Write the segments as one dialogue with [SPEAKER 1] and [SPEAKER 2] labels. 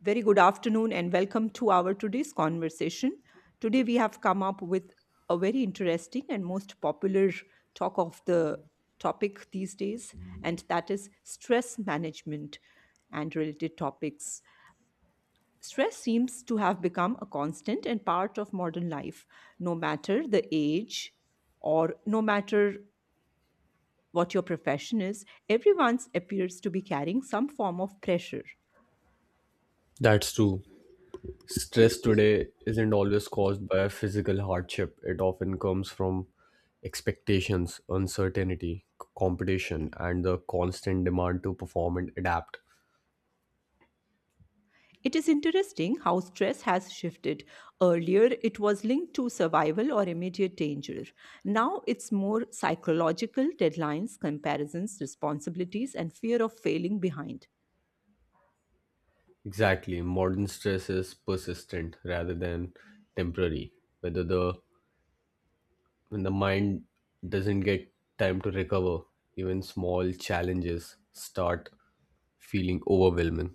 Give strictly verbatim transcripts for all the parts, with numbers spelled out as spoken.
[SPEAKER 1] Very good afternoon and welcome to our today's conversation. Today we have come up with a very interesting and most popular talk of the topic these days, and that is stress management and related topics. Stress seems to have become a constant and part of modern life, no matter the age or no matter what your profession is. Everyone appears to be carrying some form of pressure.
[SPEAKER 2] That's true. Stress today isn't always caused by a physical hardship. It often comes from expectations, uncertainty, c- competition, and the constant demand to perform and adapt.
[SPEAKER 1] It is interesting how stress has shifted. Earlier, it was linked to survival or immediate danger. Now, it's more psychological deadlines, comparisons, responsibilities, and fear of failing behind.
[SPEAKER 2] Exactly. Modern stress is persistent rather than temporary. Whether the When the mind doesn't get time to recover, even small challenges start feeling overwhelming.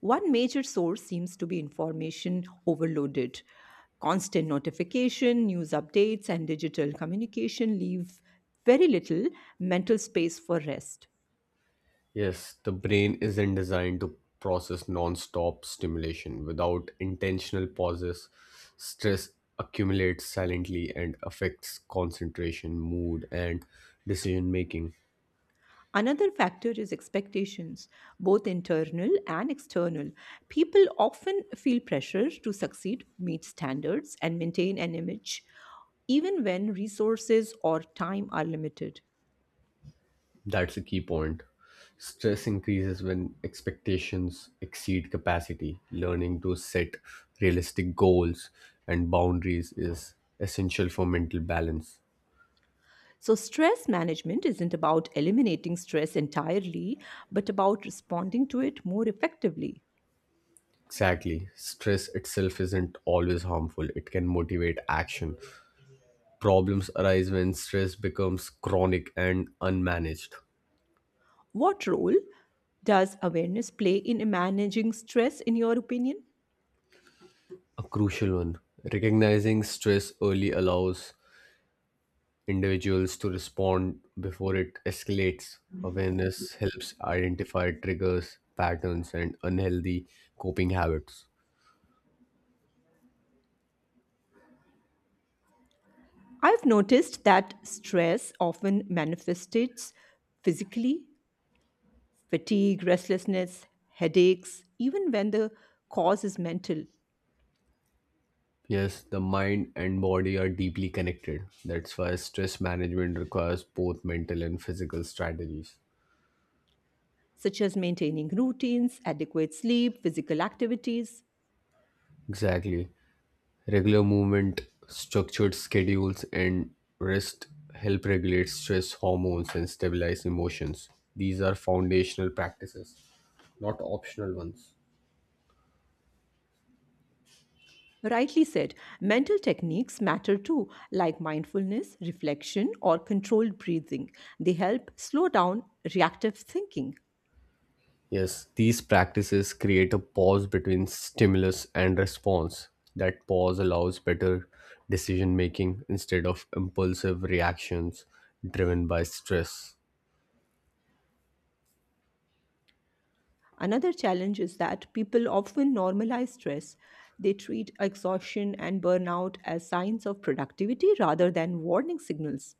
[SPEAKER 1] One major source seems to be information overloaded. Constant notification, news updates, and digital communication leave very little mental space for rest.
[SPEAKER 2] Yes, the brain isn't designed to process non-stop stimulation. Without intentional pauses, stress accumulates silently and affects concentration, mood, and decision making.
[SPEAKER 1] Another factor is expectations, both internal and external. People often feel pressure to succeed, meet standards, and maintain an image, even when resources or time are limited.
[SPEAKER 2] That's the key point. Stress increases when expectations exceed capacity. Learning to set realistic goals and boundaries is essential for mental balance.
[SPEAKER 1] So, stress management isn't about eliminating stress entirely, but about responding to it more effectively.
[SPEAKER 2] Exactly. Stress itself isn't always harmful. It can motivate action. Problems arise when stress becomes chronic and unmanaged.
[SPEAKER 1] What role does awareness play in managing stress, in your opinion?
[SPEAKER 2] A crucial one. Recognizing stress early allows individuals to respond before it escalates. Awareness helps identify triggers, patterns, and unhealthy coping habits.
[SPEAKER 1] I've noticed that stress often manifests physically: fatigue, restlessness, headaches, even when the cause is mental,
[SPEAKER 2] Yes, the mind and body are deeply connected. That's why stress management requires both mental and physical strategies.
[SPEAKER 1] such as maintaining routines, adequate sleep, physical activities.
[SPEAKER 2] Exactly. Regular movement, structured schedules, and rest help regulate stress hormones and stabilize emotions. These are foundational practices, not optional ones.
[SPEAKER 1] Rightly said, mental techniques matter too, like mindfulness, reflection, or controlled breathing. They help slow down reactive thinking.
[SPEAKER 2] Yes, these practices create a pause between stimulus and response. That pause allows better decision making instead of impulsive reactions driven by stress.
[SPEAKER 1] Another challenge is that people often normalize stress. They treat exhaustion and burnout as signs of productivity rather than warning signals.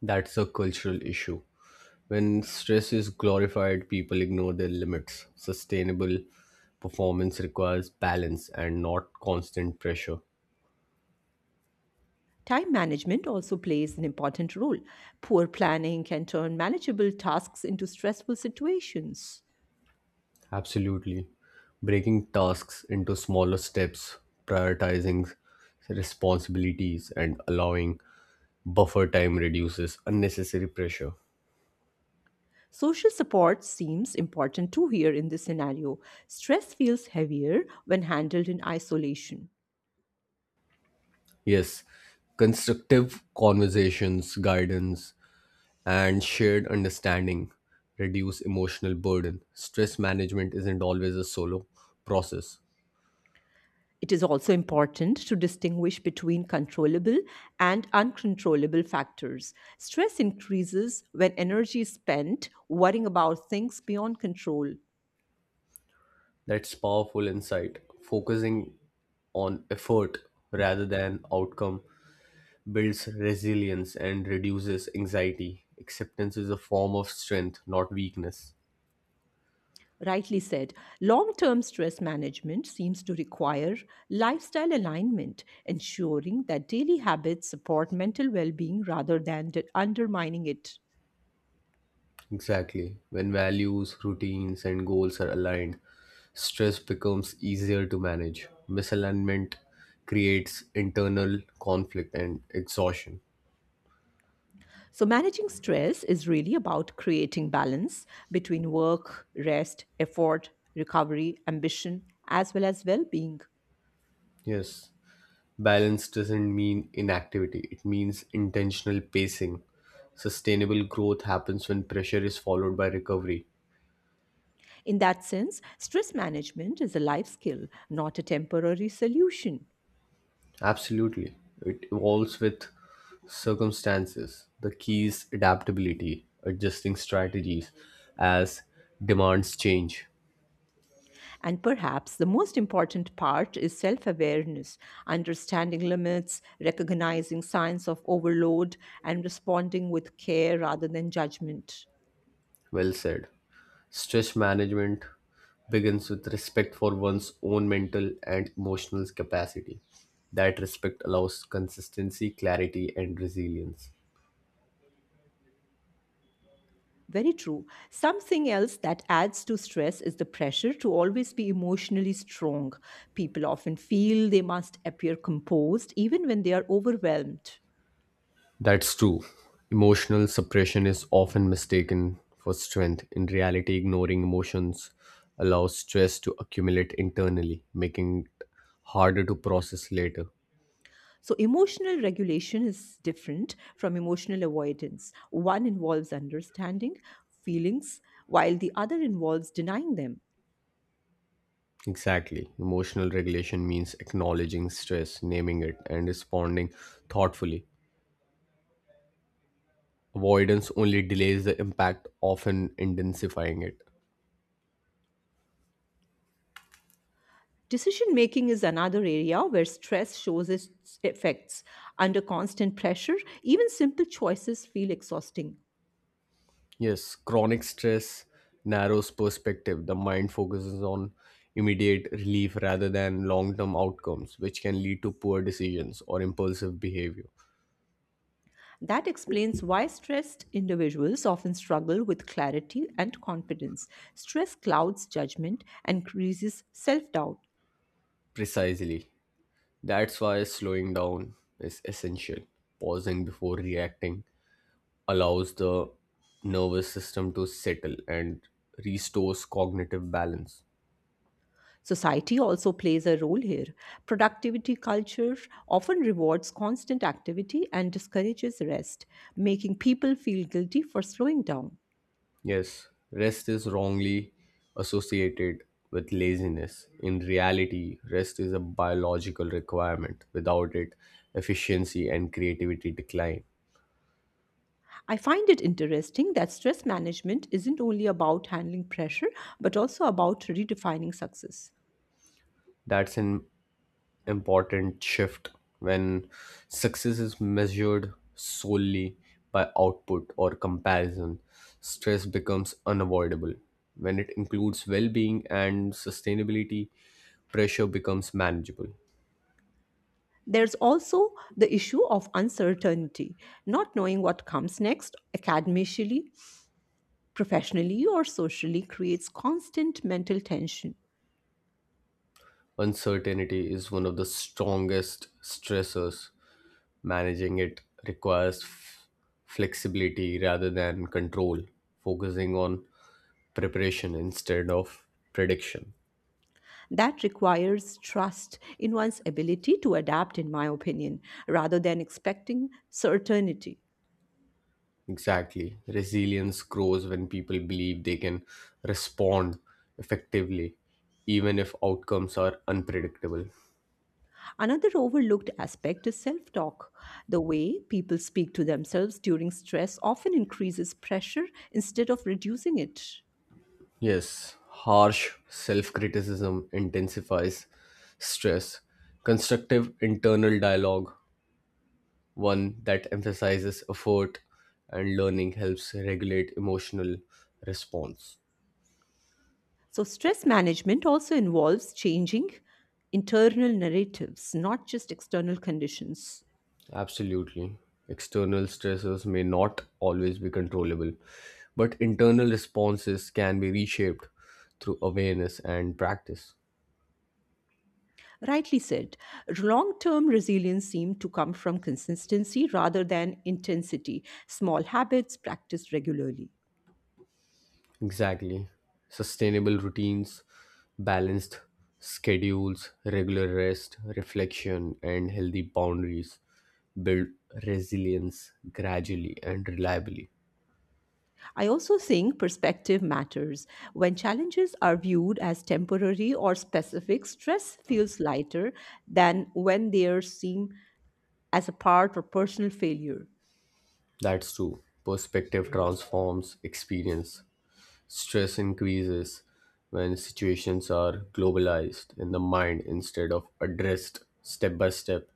[SPEAKER 2] That's a cultural issue. When stress is glorified, people ignore their limits. Sustainable performance requires balance and not constant pressure.
[SPEAKER 1] Time management also plays an important role. Poor planning can turn manageable tasks into stressful situations.
[SPEAKER 2] Absolutely. Breaking tasks into smaller steps, prioritizing responsibilities, and allowing buffer time reduces unnecessary pressure.
[SPEAKER 1] Social support seems important too here in this scenario. Stress feels heavier when handled in isolation.
[SPEAKER 2] Yes, constructive conversations, guidance, and shared understanding reduce emotional burden. Stress management isn't always a solo process.
[SPEAKER 1] It is also important to distinguish between controllable and uncontrollable factors. Stress increases when energy is spent worrying about things beyond control.
[SPEAKER 2] That's powerful insight. Focusing on effort rather than outcome builds resilience and reduces anxiety. Acceptance is a form of strength, not weakness.
[SPEAKER 1] Rightly said, long term stress management seems to require lifestyle alignment, ensuring that daily habits support mental well being rather than de- undermining it.
[SPEAKER 2] Exactly. When values, routines, and goals are aligned, stress becomes easier to manage. Misalignment creates internal conflict and exhaustion.
[SPEAKER 1] So, managing stress is really about creating balance between work, rest, effort, recovery, ambition, as well as well being.
[SPEAKER 2] Yes, balance doesn't mean inactivity, it means intentional pacing. Sustainable growth happens when pressure is followed by recovery.
[SPEAKER 1] In that sense, stress management is a life skill, not a temporary solution.
[SPEAKER 2] Absolutely, it evolves with circumstances. The key is adaptability, adjusting strategies as demands change.
[SPEAKER 1] And perhaps the most important part is self awareness, understanding limits, recognizing signs of overload, and responding with care rather than judgment.
[SPEAKER 2] Well said. Stress management begins with respect for one's own mental and emotional capacity. That respect allows consistency, clarity, and resilience.
[SPEAKER 1] Very true. Something else that adds to stress is the pressure to always be emotionally strong. People often feel they must appear composed even when they are overwhelmed.
[SPEAKER 2] That's true. Emotional suppression is often mistaken for strength. In reality, ignoring emotions allows stress to accumulate internally, making it harder to process later.
[SPEAKER 1] So, emotional regulation is different from emotional avoidance. One involves understanding feelings, while the other involves denying them.
[SPEAKER 2] Exactly. Emotional regulation means acknowledging stress, naming it, and responding thoughtfully. Avoidance only delays the impact, often intensifying it.
[SPEAKER 1] Decision making is another area where stress shows its effects. Under constant pressure, even simple choices feel exhausting.
[SPEAKER 2] Yes, chronic stress narrows perspective. The mind focuses on immediate relief rather than long term outcomes, which can lead to poor decisions or impulsive behavior.
[SPEAKER 1] That explains why stressed individuals often struggle with clarity and confidence. Stress clouds judgment and increases self doubt.
[SPEAKER 2] Precisely. That's why slowing down is essential. Pausing before reacting allows the nervous system to settle and restores cognitive balance.
[SPEAKER 1] Society also plays a role here. Productivity culture often rewards constant activity and discourages rest, making people feel guilty for slowing down.
[SPEAKER 2] Yes, rest is wrongly associated with laziness. In reality, rest is a biological requirement. Without it, efficiency and creativity decline.
[SPEAKER 1] I find it interesting that stress management isn't only about handling pressure, but also about redefining success.
[SPEAKER 2] That's an important shift when success is measured solely by output or comparison. Stress becomes unavoidable. When it includes well being and sustainability, pressure becomes manageable.
[SPEAKER 1] There's also the issue of uncertainty. Not knowing what comes next, academically, professionally, or socially, creates constant mental tension.
[SPEAKER 2] Uncertainty is one of the strongest stressors. Managing it requires f- flexibility rather than control, focusing on preparation instead of prediction.
[SPEAKER 1] That requires trust in one's ability to adapt, in my opinion, rather than expecting certainty.
[SPEAKER 2] Exactly. Resilience grows when people believe they can respond effectively, even if outcomes are unpredictable.
[SPEAKER 1] Another overlooked aspect is self talk. The way people speak to themselves during stress often increases pressure instead of reducing it.
[SPEAKER 2] Yes, harsh self criticism intensifies stress. Constructive internal dialogue, one that emphasizes effort and learning, helps regulate emotional response.
[SPEAKER 1] So, stress management also involves changing internal narratives, not just external conditions.
[SPEAKER 2] Absolutely. External stresses may not always be controllable, but internal responses can be reshaped through awareness and practice.
[SPEAKER 1] Rightly said, long term resilience seems to come from consistency rather than intensity. Small habits practiced regularly.
[SPEAKER 2] Exactly. Sustainable routines, balanced schedules, regular rest, reflection, and healthy boundaries build resilience gradually and reliably.
[SPEAKER 1] I also think perspective matters. When challenges are viewed as temporary or specific, stress feels lighter than when they are seen as a part or personal failure.
[SPEAKER 2] That's true. Perspective transforms experience. Stress increases when situations are globalized in the mind instead of addressed step by step.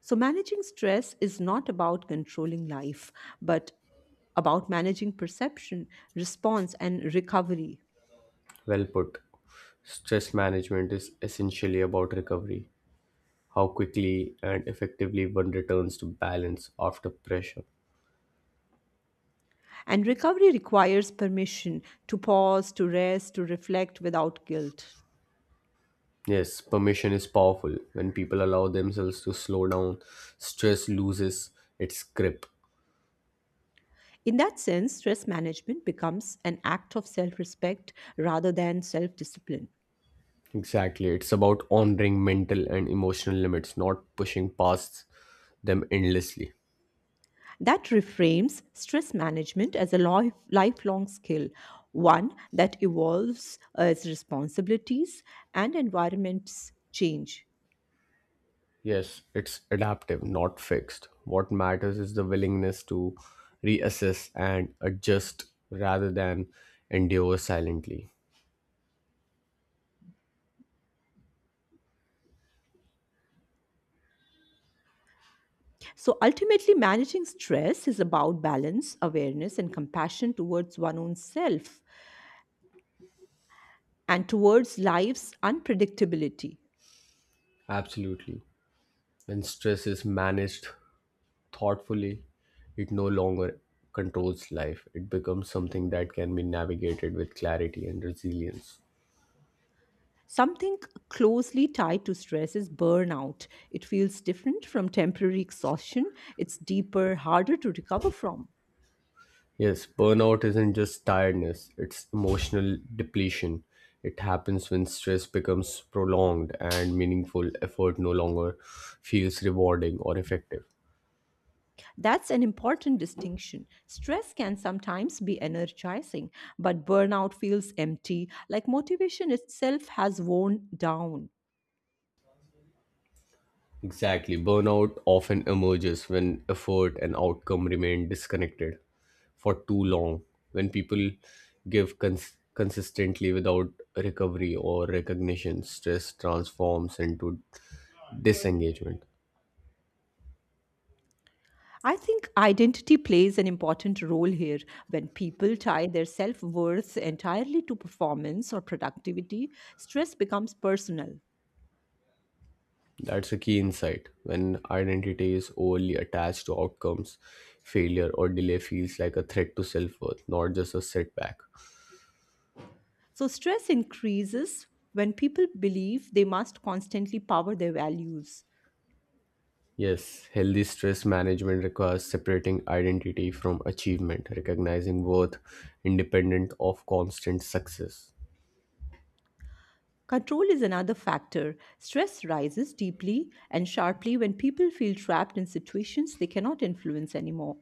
[SPEAKER 1] So, managing stress is not about controlling life, but about managing perception, response, and recovery.
[SPEAKER 2] Well put. Stress management is essentially about recovery, how quickly and effectively one returns to balance after pressure.
[SPEAKER 1] And recovery requires permission to pause, to rest, to reflect without guilt.
[SPEAKER 2] Yes, permission is powerful. When people allow themselves to slow down, stress loses its grip.
[SPEAKER 1] In that sense, stress management becomes an act of self respect rather than self discipline.
[SPEAKER 2] Exactly. It's about honoring mental and emotional limits, not pushing past them endlessly.
[SPEAKER 1] That reframes stress management as a life, lifelong skill, one that evolves as responsibilities and environments change.
[SPEAKER 2] Yes, it's adaptive, not fixed. What matters is the willingness to reassess and adjust rather than endure silently.
[SPEAKER 1] So ultimately, managing stress is about balance, awareness, and compassion towards one's own self and towards life's unpredictability.
[SPEAKER 2] Absolutely. When stress is managed thoughtfully, it no longer controls life. It becomes something that can be navigated with clarity and resilience.
[SPEAKER 1] Something closely tied to stress is burnout. It feels different from temporary exhaustion, it's deeper, harder to recover from.
[SPEAKER 2] Yes, burnout isn't just tiredness, it's emotional depletion. It happens when stress becomes prolonged and meaningful effort no longer feels rewarding or effective.
[SPEAKER 1] That's an important distinction. Stress can sometimes be energizing, but burnout feels empty, like motivation itself has worn down.
[SPEAKER 2] Exactly, burnout often emerges when effort and outcome remain disconnected for too long. When people give cons- consistently without recovery or recognition, stress transforms into disengagement.
[SPEAKER 1] I think identity plays an important role here. When people tie their self worth entirely to performance or productivity, stress becomes personal.
[SPEAKER 2] That's a key insight. When identity is overly attached to outcomes, failure or delay feels like a threat to self worth, not just a setback.
[SPEAKER 1] So, stress increases when people believe they must constantly power their values.
[SPEAKER 2] Yes, healthy stress management requires separating identity from achievement, recognizing worth independent of constant success.
[SPEAKER 1] Control is another factor. Stress rises deeply and sharply when people feel trapped in situations they cannot influence anymore.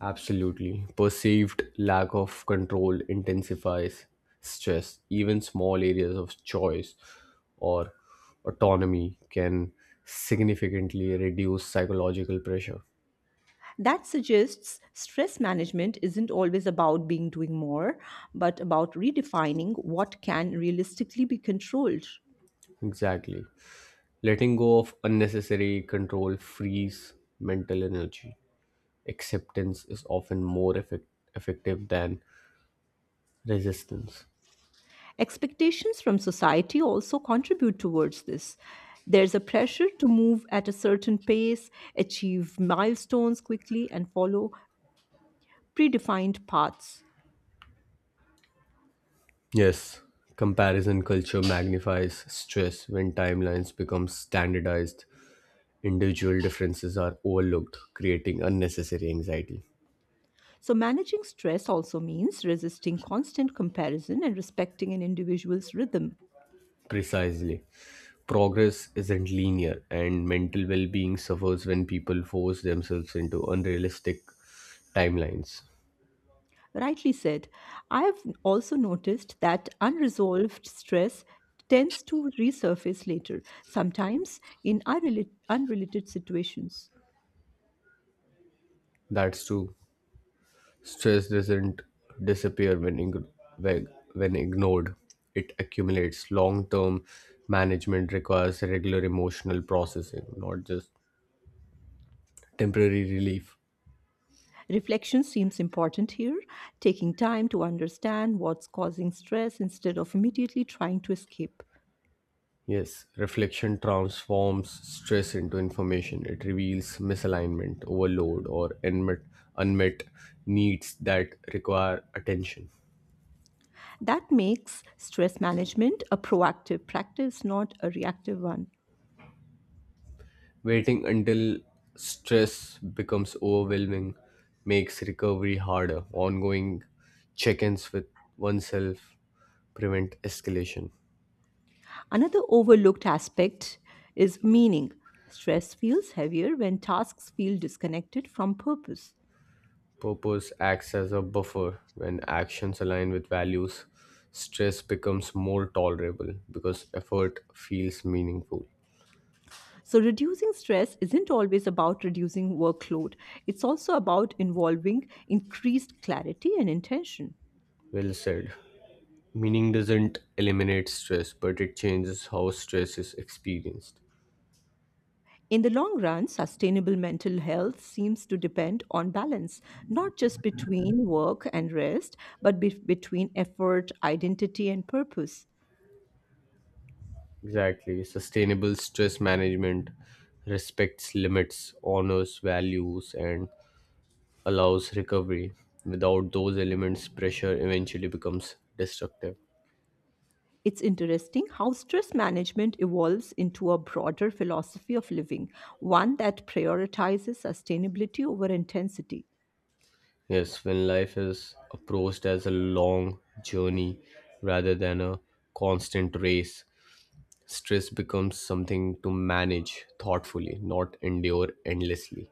[SPEAKER 2] Absolutely. Perceived lack of control intensifies stress. Even small areas of choice or autonomy can significantly reduce psychological pressure.
[SPEAKER 1] That suggests stress management isn't always about being doing more, but about redefining what can realistically be controlled.
[SPEAKER 2] Exactly. Letting go of unnecessary control frees mental energy. Acceptance is often more effect- effective than resistance.
[SPEAKER 1] Expectations from society also contribute towards this. There's a pressure to move at a certain pace, achieve milestones quickly, and follow predefined paths.
[SPEAKER 2] Yes, comparison culture magnifies stress when timelines become standardized. Individual differences are overlooked, creating unnecessary anxiety.
[SPEAKER 1] So, managing stress also means resisting constant comparison and respecting an individual's rhythm.
[SPEAKER 2] Precisely. Progress isn't linear, and mental well being suffers when people force themselves into unrealistic timelines.
[SPEAKER 1] Rightly said, I have also noticed that unresolved stress tends to resurface later, sometimes in unrela- unrelated situations.
[SPEAKER 2] That's true. Stress doesn't disappear when, ing when when ignored, it accumulates. Long term management requires regular emotional processing, not just temporary relief.
[SPEAKER 1] Reflection seems important here, taking time to understand what's causing stress instead of immediately trying to escape.
[SPEAKER 2] Yes, reflection transforms stress into information. It reveals misalignment, overload, or unmet, unmet needs that require attention.
[SPEAKER 1] That makes stress management a proactive practice, not a reactive one.
[SPEAKER 2] Waiting until stress becomes overwhelming makes recovery harder. Ongoing check ins with oneself prevent escalation.
[SPEAKER 1] Another overlooked aspect is meaning. Stress feels heavier when tasks feel disconnected from purpose.
[SPEAKER 2] Purpose acts as a buffer when actions align with values. Stress becomes more tolerable because effort feels meaningful.
[SPEAKER 1] So, reducing stress isn't always about reducing workload, it's also about involving increased clarity and intention.
[SPEAKER 2] Well said. Meaning doesn't eliminate stress, but it changes how stress is experienced.
[SPEAKER 1] In the long run, sustainable mental health seems to depend on balance, not just between work and rest, but be- between effort, identity, and purpose.
[SPEAKER 2] Exactly. Sustainable stress management respects limits, honors values, and allows recovery. Without those elements, pressure eventually becomes destructive.
[SPEAKER 1] It's interesting how stress management evolves into a broader philosophy of living, one that prioritizes sustainability over intensity.
[SPEAKER 2] Yes, when life is approached as a long journey rather than a constant race, stress becomes something to manage thoughtfully, not endure endlessly.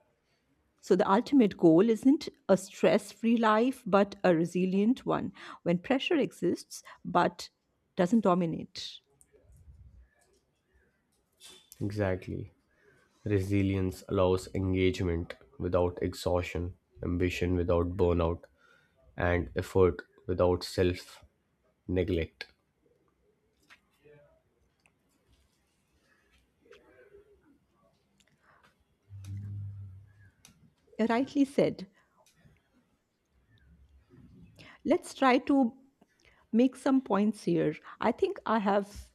[SPEAKER 1] So, the ultimate goal isn't a stress free life, but a resilient one, when pressure exists but doesn't dominate.
[SPEAKER 2] Exactly. Resilience allows engagement without exhaustion, ambition without burnout, and effort without self neglect.
[SPEAKER 1] Rightly said. Let's try to make some points here. I think I have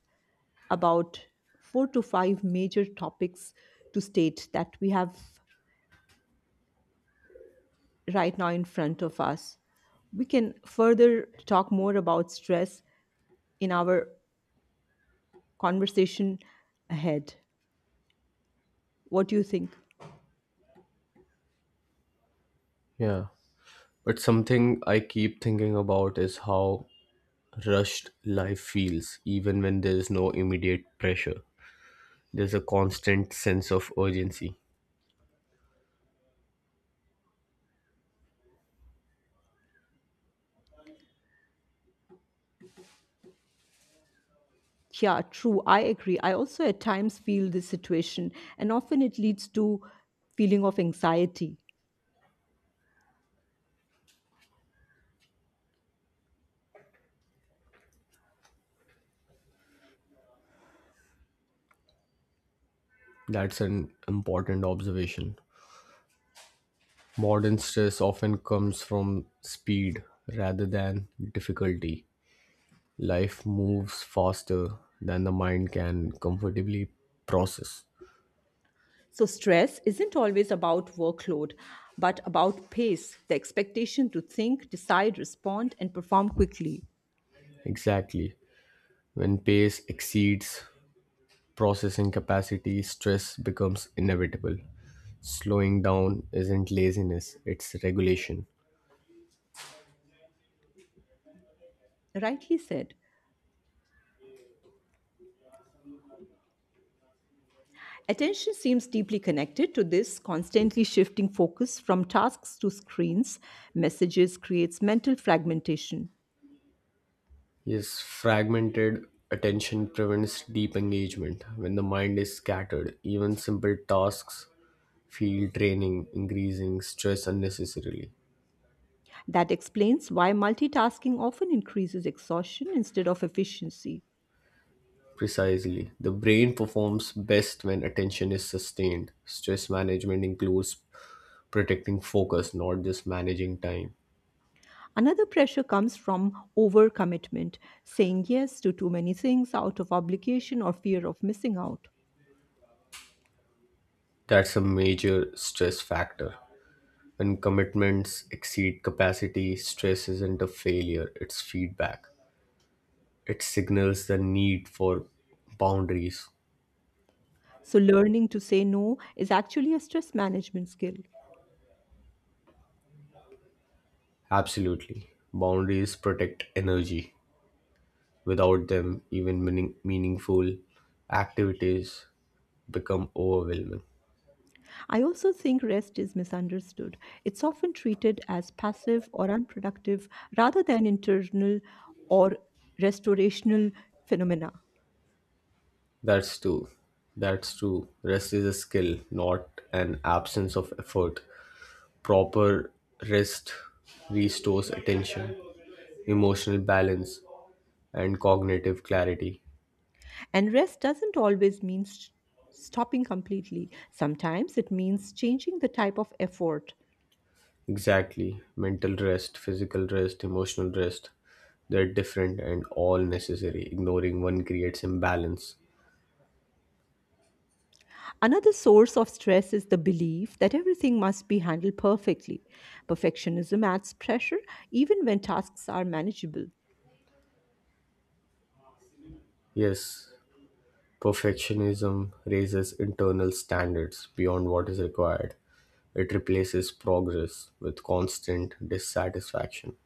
[SPEAKER 1] about four to five major topics to state that we have right now in front of us. We can further talk more about stress in our conversation ahead. What do you think?
[SPEAKER 2] Yeah. But something I keep thinking about is how rushed life feels, even when there is no immediate pressure. There's a constant sense of urgency.
[SPEAKER 1] Yeah, true. I agree. I also at times feel this situation, and often it leads to feeling of anxiety.
[SPEAKER 2] That's an important observation. Modern stress often comes from speed rather than difficulty. Life moves faster than the mind can comfortably process.
[SPEAKER 1] So, stress isn't always about workload, but about pace, the expectation to think, decide, respond, and perform quickly.
[SPEAKER 2] Exactly. When pace exceeds processing capacity, stress becomes inevitable. Slowing down isn't laziness, it's regulation.
[SPEAKER 1] Rightly said. Attention seems deeply connected to this constantly shifting focus from tasks to screens. Messages creates mental fragmentation.
[SPEAKER 2] Yes, fragmented attention prevents deep engagement. When the mind is scattered, even simple tasks feel draining, increasing stress unnecessarily.
[SPEAKER 1] That explains why multitasking often increases exhaustion instead of efficiency.
[SPEAKER 2] Precisely. The brain performs best when attention is sustained. Stress management includes protecting focus, not just managing time.
[SPEAKER 1] Another pressure comes from overcommitment, saying yes to too many things out of obligation or fear of missing out.
[SPEAKER 2] That's a major stress factor. When commitments exceed capacity, stress isn't a failure, it's feedback. It signals the need for boundaries.
[SPEAKER 1] So, learning to say no is actually a stress management skill.
[SPEAKER 2] Absolutely. Boundaries protect energy. Without them, even meaning- meaningful activities become overwhelming.
[SPEAKER 1] I also think rest is misunderstood. It's often treated as passive or unproductive rather than internal or restorational phenomena.
[SPEAKER 2] That's true. That's true. Rest is a skill, not an absence of effort. Proper rest restores attention, emotional balance, and cognitive clarity.
[SPEAKER 1] And rest doesn't always mean s- stopping completely, sometimes it means changing the type of effort.
[SPEAKER 2] Exactly. Mental rest, physical rest, emotional rest. They're different and all necessary. Ignoring one creates imbalance.
[SPEAKER 1] Another source of stress is the belief that everything must be handled perfectly. Perfectionism adds pressure even when tasks are manageable.
[SPEAKER 2] Yes, perfectionism raises internal standards beyond what is required. It replaces progress with constant dissatisfaction.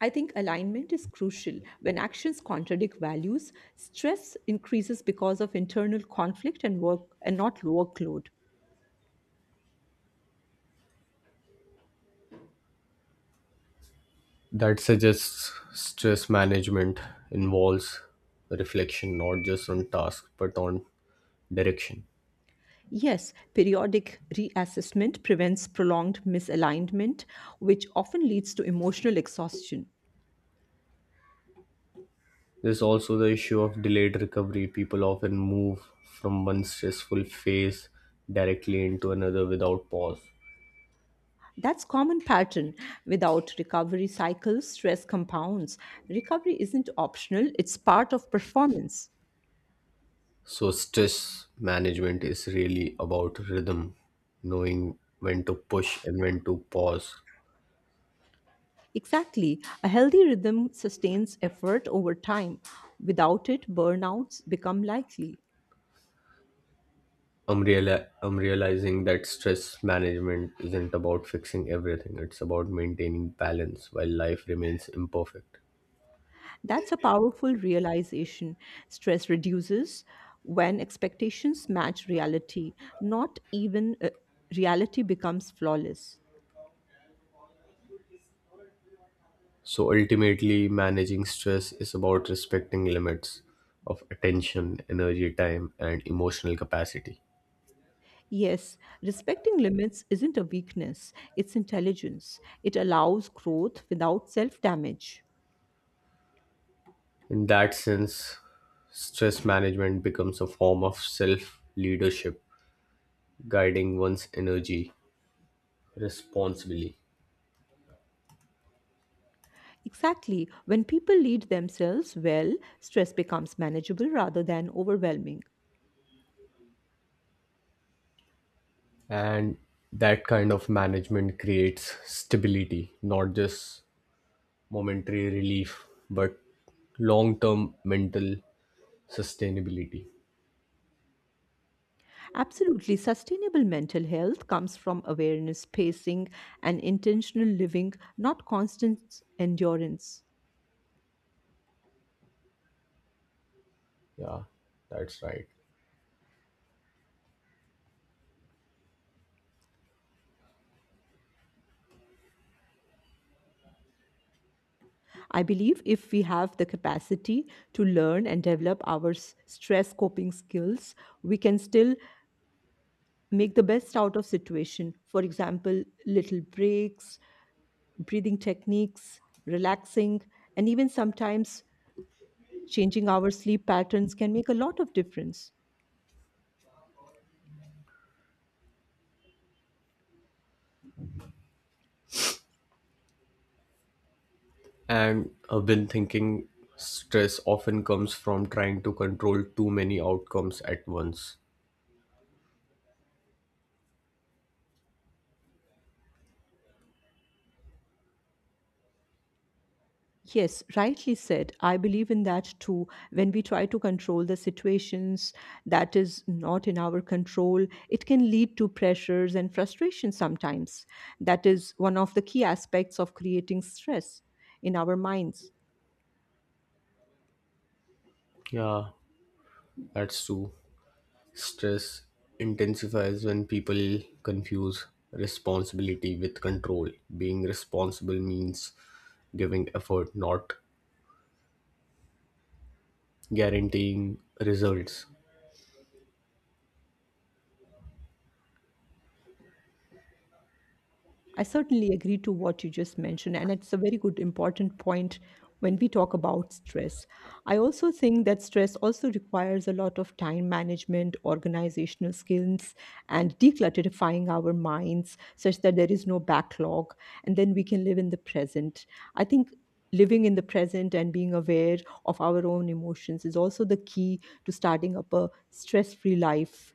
[SPEAKER 1] I think alignment is crucial. When actions contradict values, stress increases because of internal conflict and work and not workload.
[SPEAKER 2] That suggests stress management involves reflection not just on tasks but on direction.
[SPEAKER 1] Yes, periodic reassessment prevents prolonged misalignment, which often leads to emotional exhaustion.
[SPEAKER 2] There's also the issue of delayed recovery. People often move from one stressful phase directly into another without pause.
[SPEAKER 1] That's common pattern. Without recovery cycles, stress compounds. Recovery isn't optional, it's part of performance.
[SPEAKER 2] So, stress management is really about rhythm, knowing when to push and when to pause.
[SPEAKER 1] Exactly. A healthy rhythm sustains effort over time. Without it, burnouts become likely.
[SPEAKER 2] I'm, reali- I'm realizing that stress management isn't about fixing everything, it's about maintaining balance while life remains imperfect.
[SPEAKER 1] That's a powerful realization. Stress reduces when expectations match reality, not even uh, reality becomes flawless.
[SPEAKER 2] So, ultimately, managing stress is about respecting limits of attention, energy, time, and emotional capacity.
[SPEAKER 1] Yes, respecting limits isn't a weakness, it's intelligence. It allows growth without self damage.
[SPEAKER 2] In that sense, stress management becomes a form of self leadership guiding one's energy responsibly.
[SPEAKER 1] Exactly. When people lead themselves well, stress becomes manageable rather than overwhelming.
[SPEAKER 2] And that kind of management creates stability, not just momentary relief, but long term mental sustainability.
[SPEAKER 1] Absolutely. Sustainable mental health comes from awareness, pacing, and intentional living, not constant endurance.
[SPEAKER 2] Yeah, that's right.
[SPEAKER 1] I believe if we have the capacity to learn and develop our s- stress coping skills, we can still make the best out of situation. For example, little breaks, breathing techniques, relaxing, and even sometimes changing our sleep patterns can make a lot of difference.
[SPEAKER 2] And I've been thinking, stress often comes from trying to control too many outcomes at once.
[SPEAKER 1] Yes, rightly said. I believe in that too. When we try to control the situations that is not in our control, it can lead to pressures and frustration sometimes. That is one of the key aspects of creating stress in our minds.
[SPEAKER 2] Yeah, that's true. Stress intensifies when people confuse responsibility with control. Being responsible means giving effort, not guaranteeing results.
[SPEAKER 1] I certainly agree to what you just mentioned, and it's a very good important point when we talk about stress. I also think that stress also requires a lot of time management, organizational skills, and declutterifying our minds such that there is no backlog, and then we can live in the present. I think living in the present and being aware of our own emotions is also the key to starting up a stress-free life.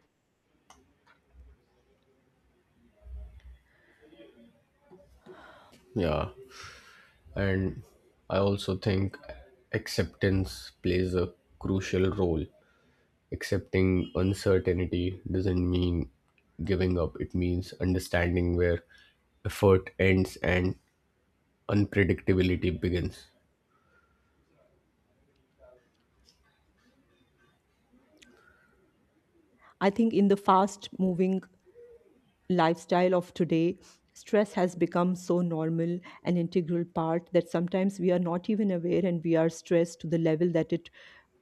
[SPEAKER 2] Yeah, and I also think acceptance plays a crucial role. Accepting uncertainty doesn't mean giving up, it means understanding where effort ends and unpredictability begins.
[SPEAKER 1] I think in the fast moving lifestyle of today, stress has become so normal and integral part that sometimes we are not even aware, and we are stressed to the level that it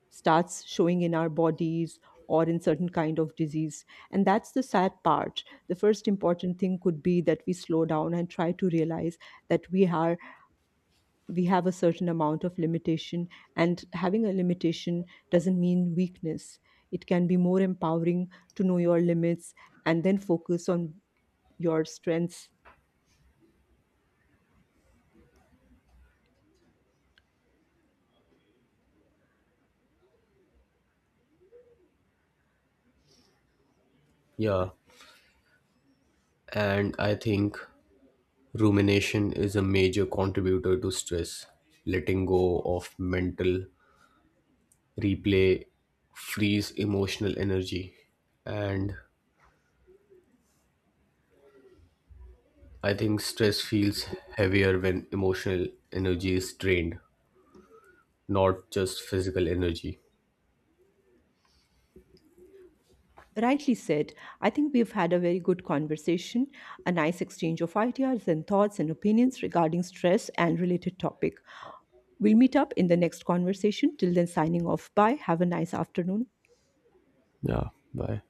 [SPEAKER 1] starts showing in our bodies or in certain kind of disease. And that's the sad part. The first important thing could be that we slow down and try to realize that we are we have a certain amount of limitation, and having a limitation doesn't mean weakness. It can be more empowering to know your limits and then focus on your strengths.
[SPEAKER 2] Yeah, and I think rumination is a major contributor to stress. Letting go of mental replay frees emotional energy. And I think stress feels heavier when emotional energy is drained, not just physical energy.
[SPEAKER 1] Rightly said. I think we've had a very good conversation, a nice exchange of ideas and thoughts and opinions regarding stress and related topic. We'll meet up in the next conversation. Till then, signing off. Bye. Have a nice afternoon.
[SPEAKER 2] Yeah, bye.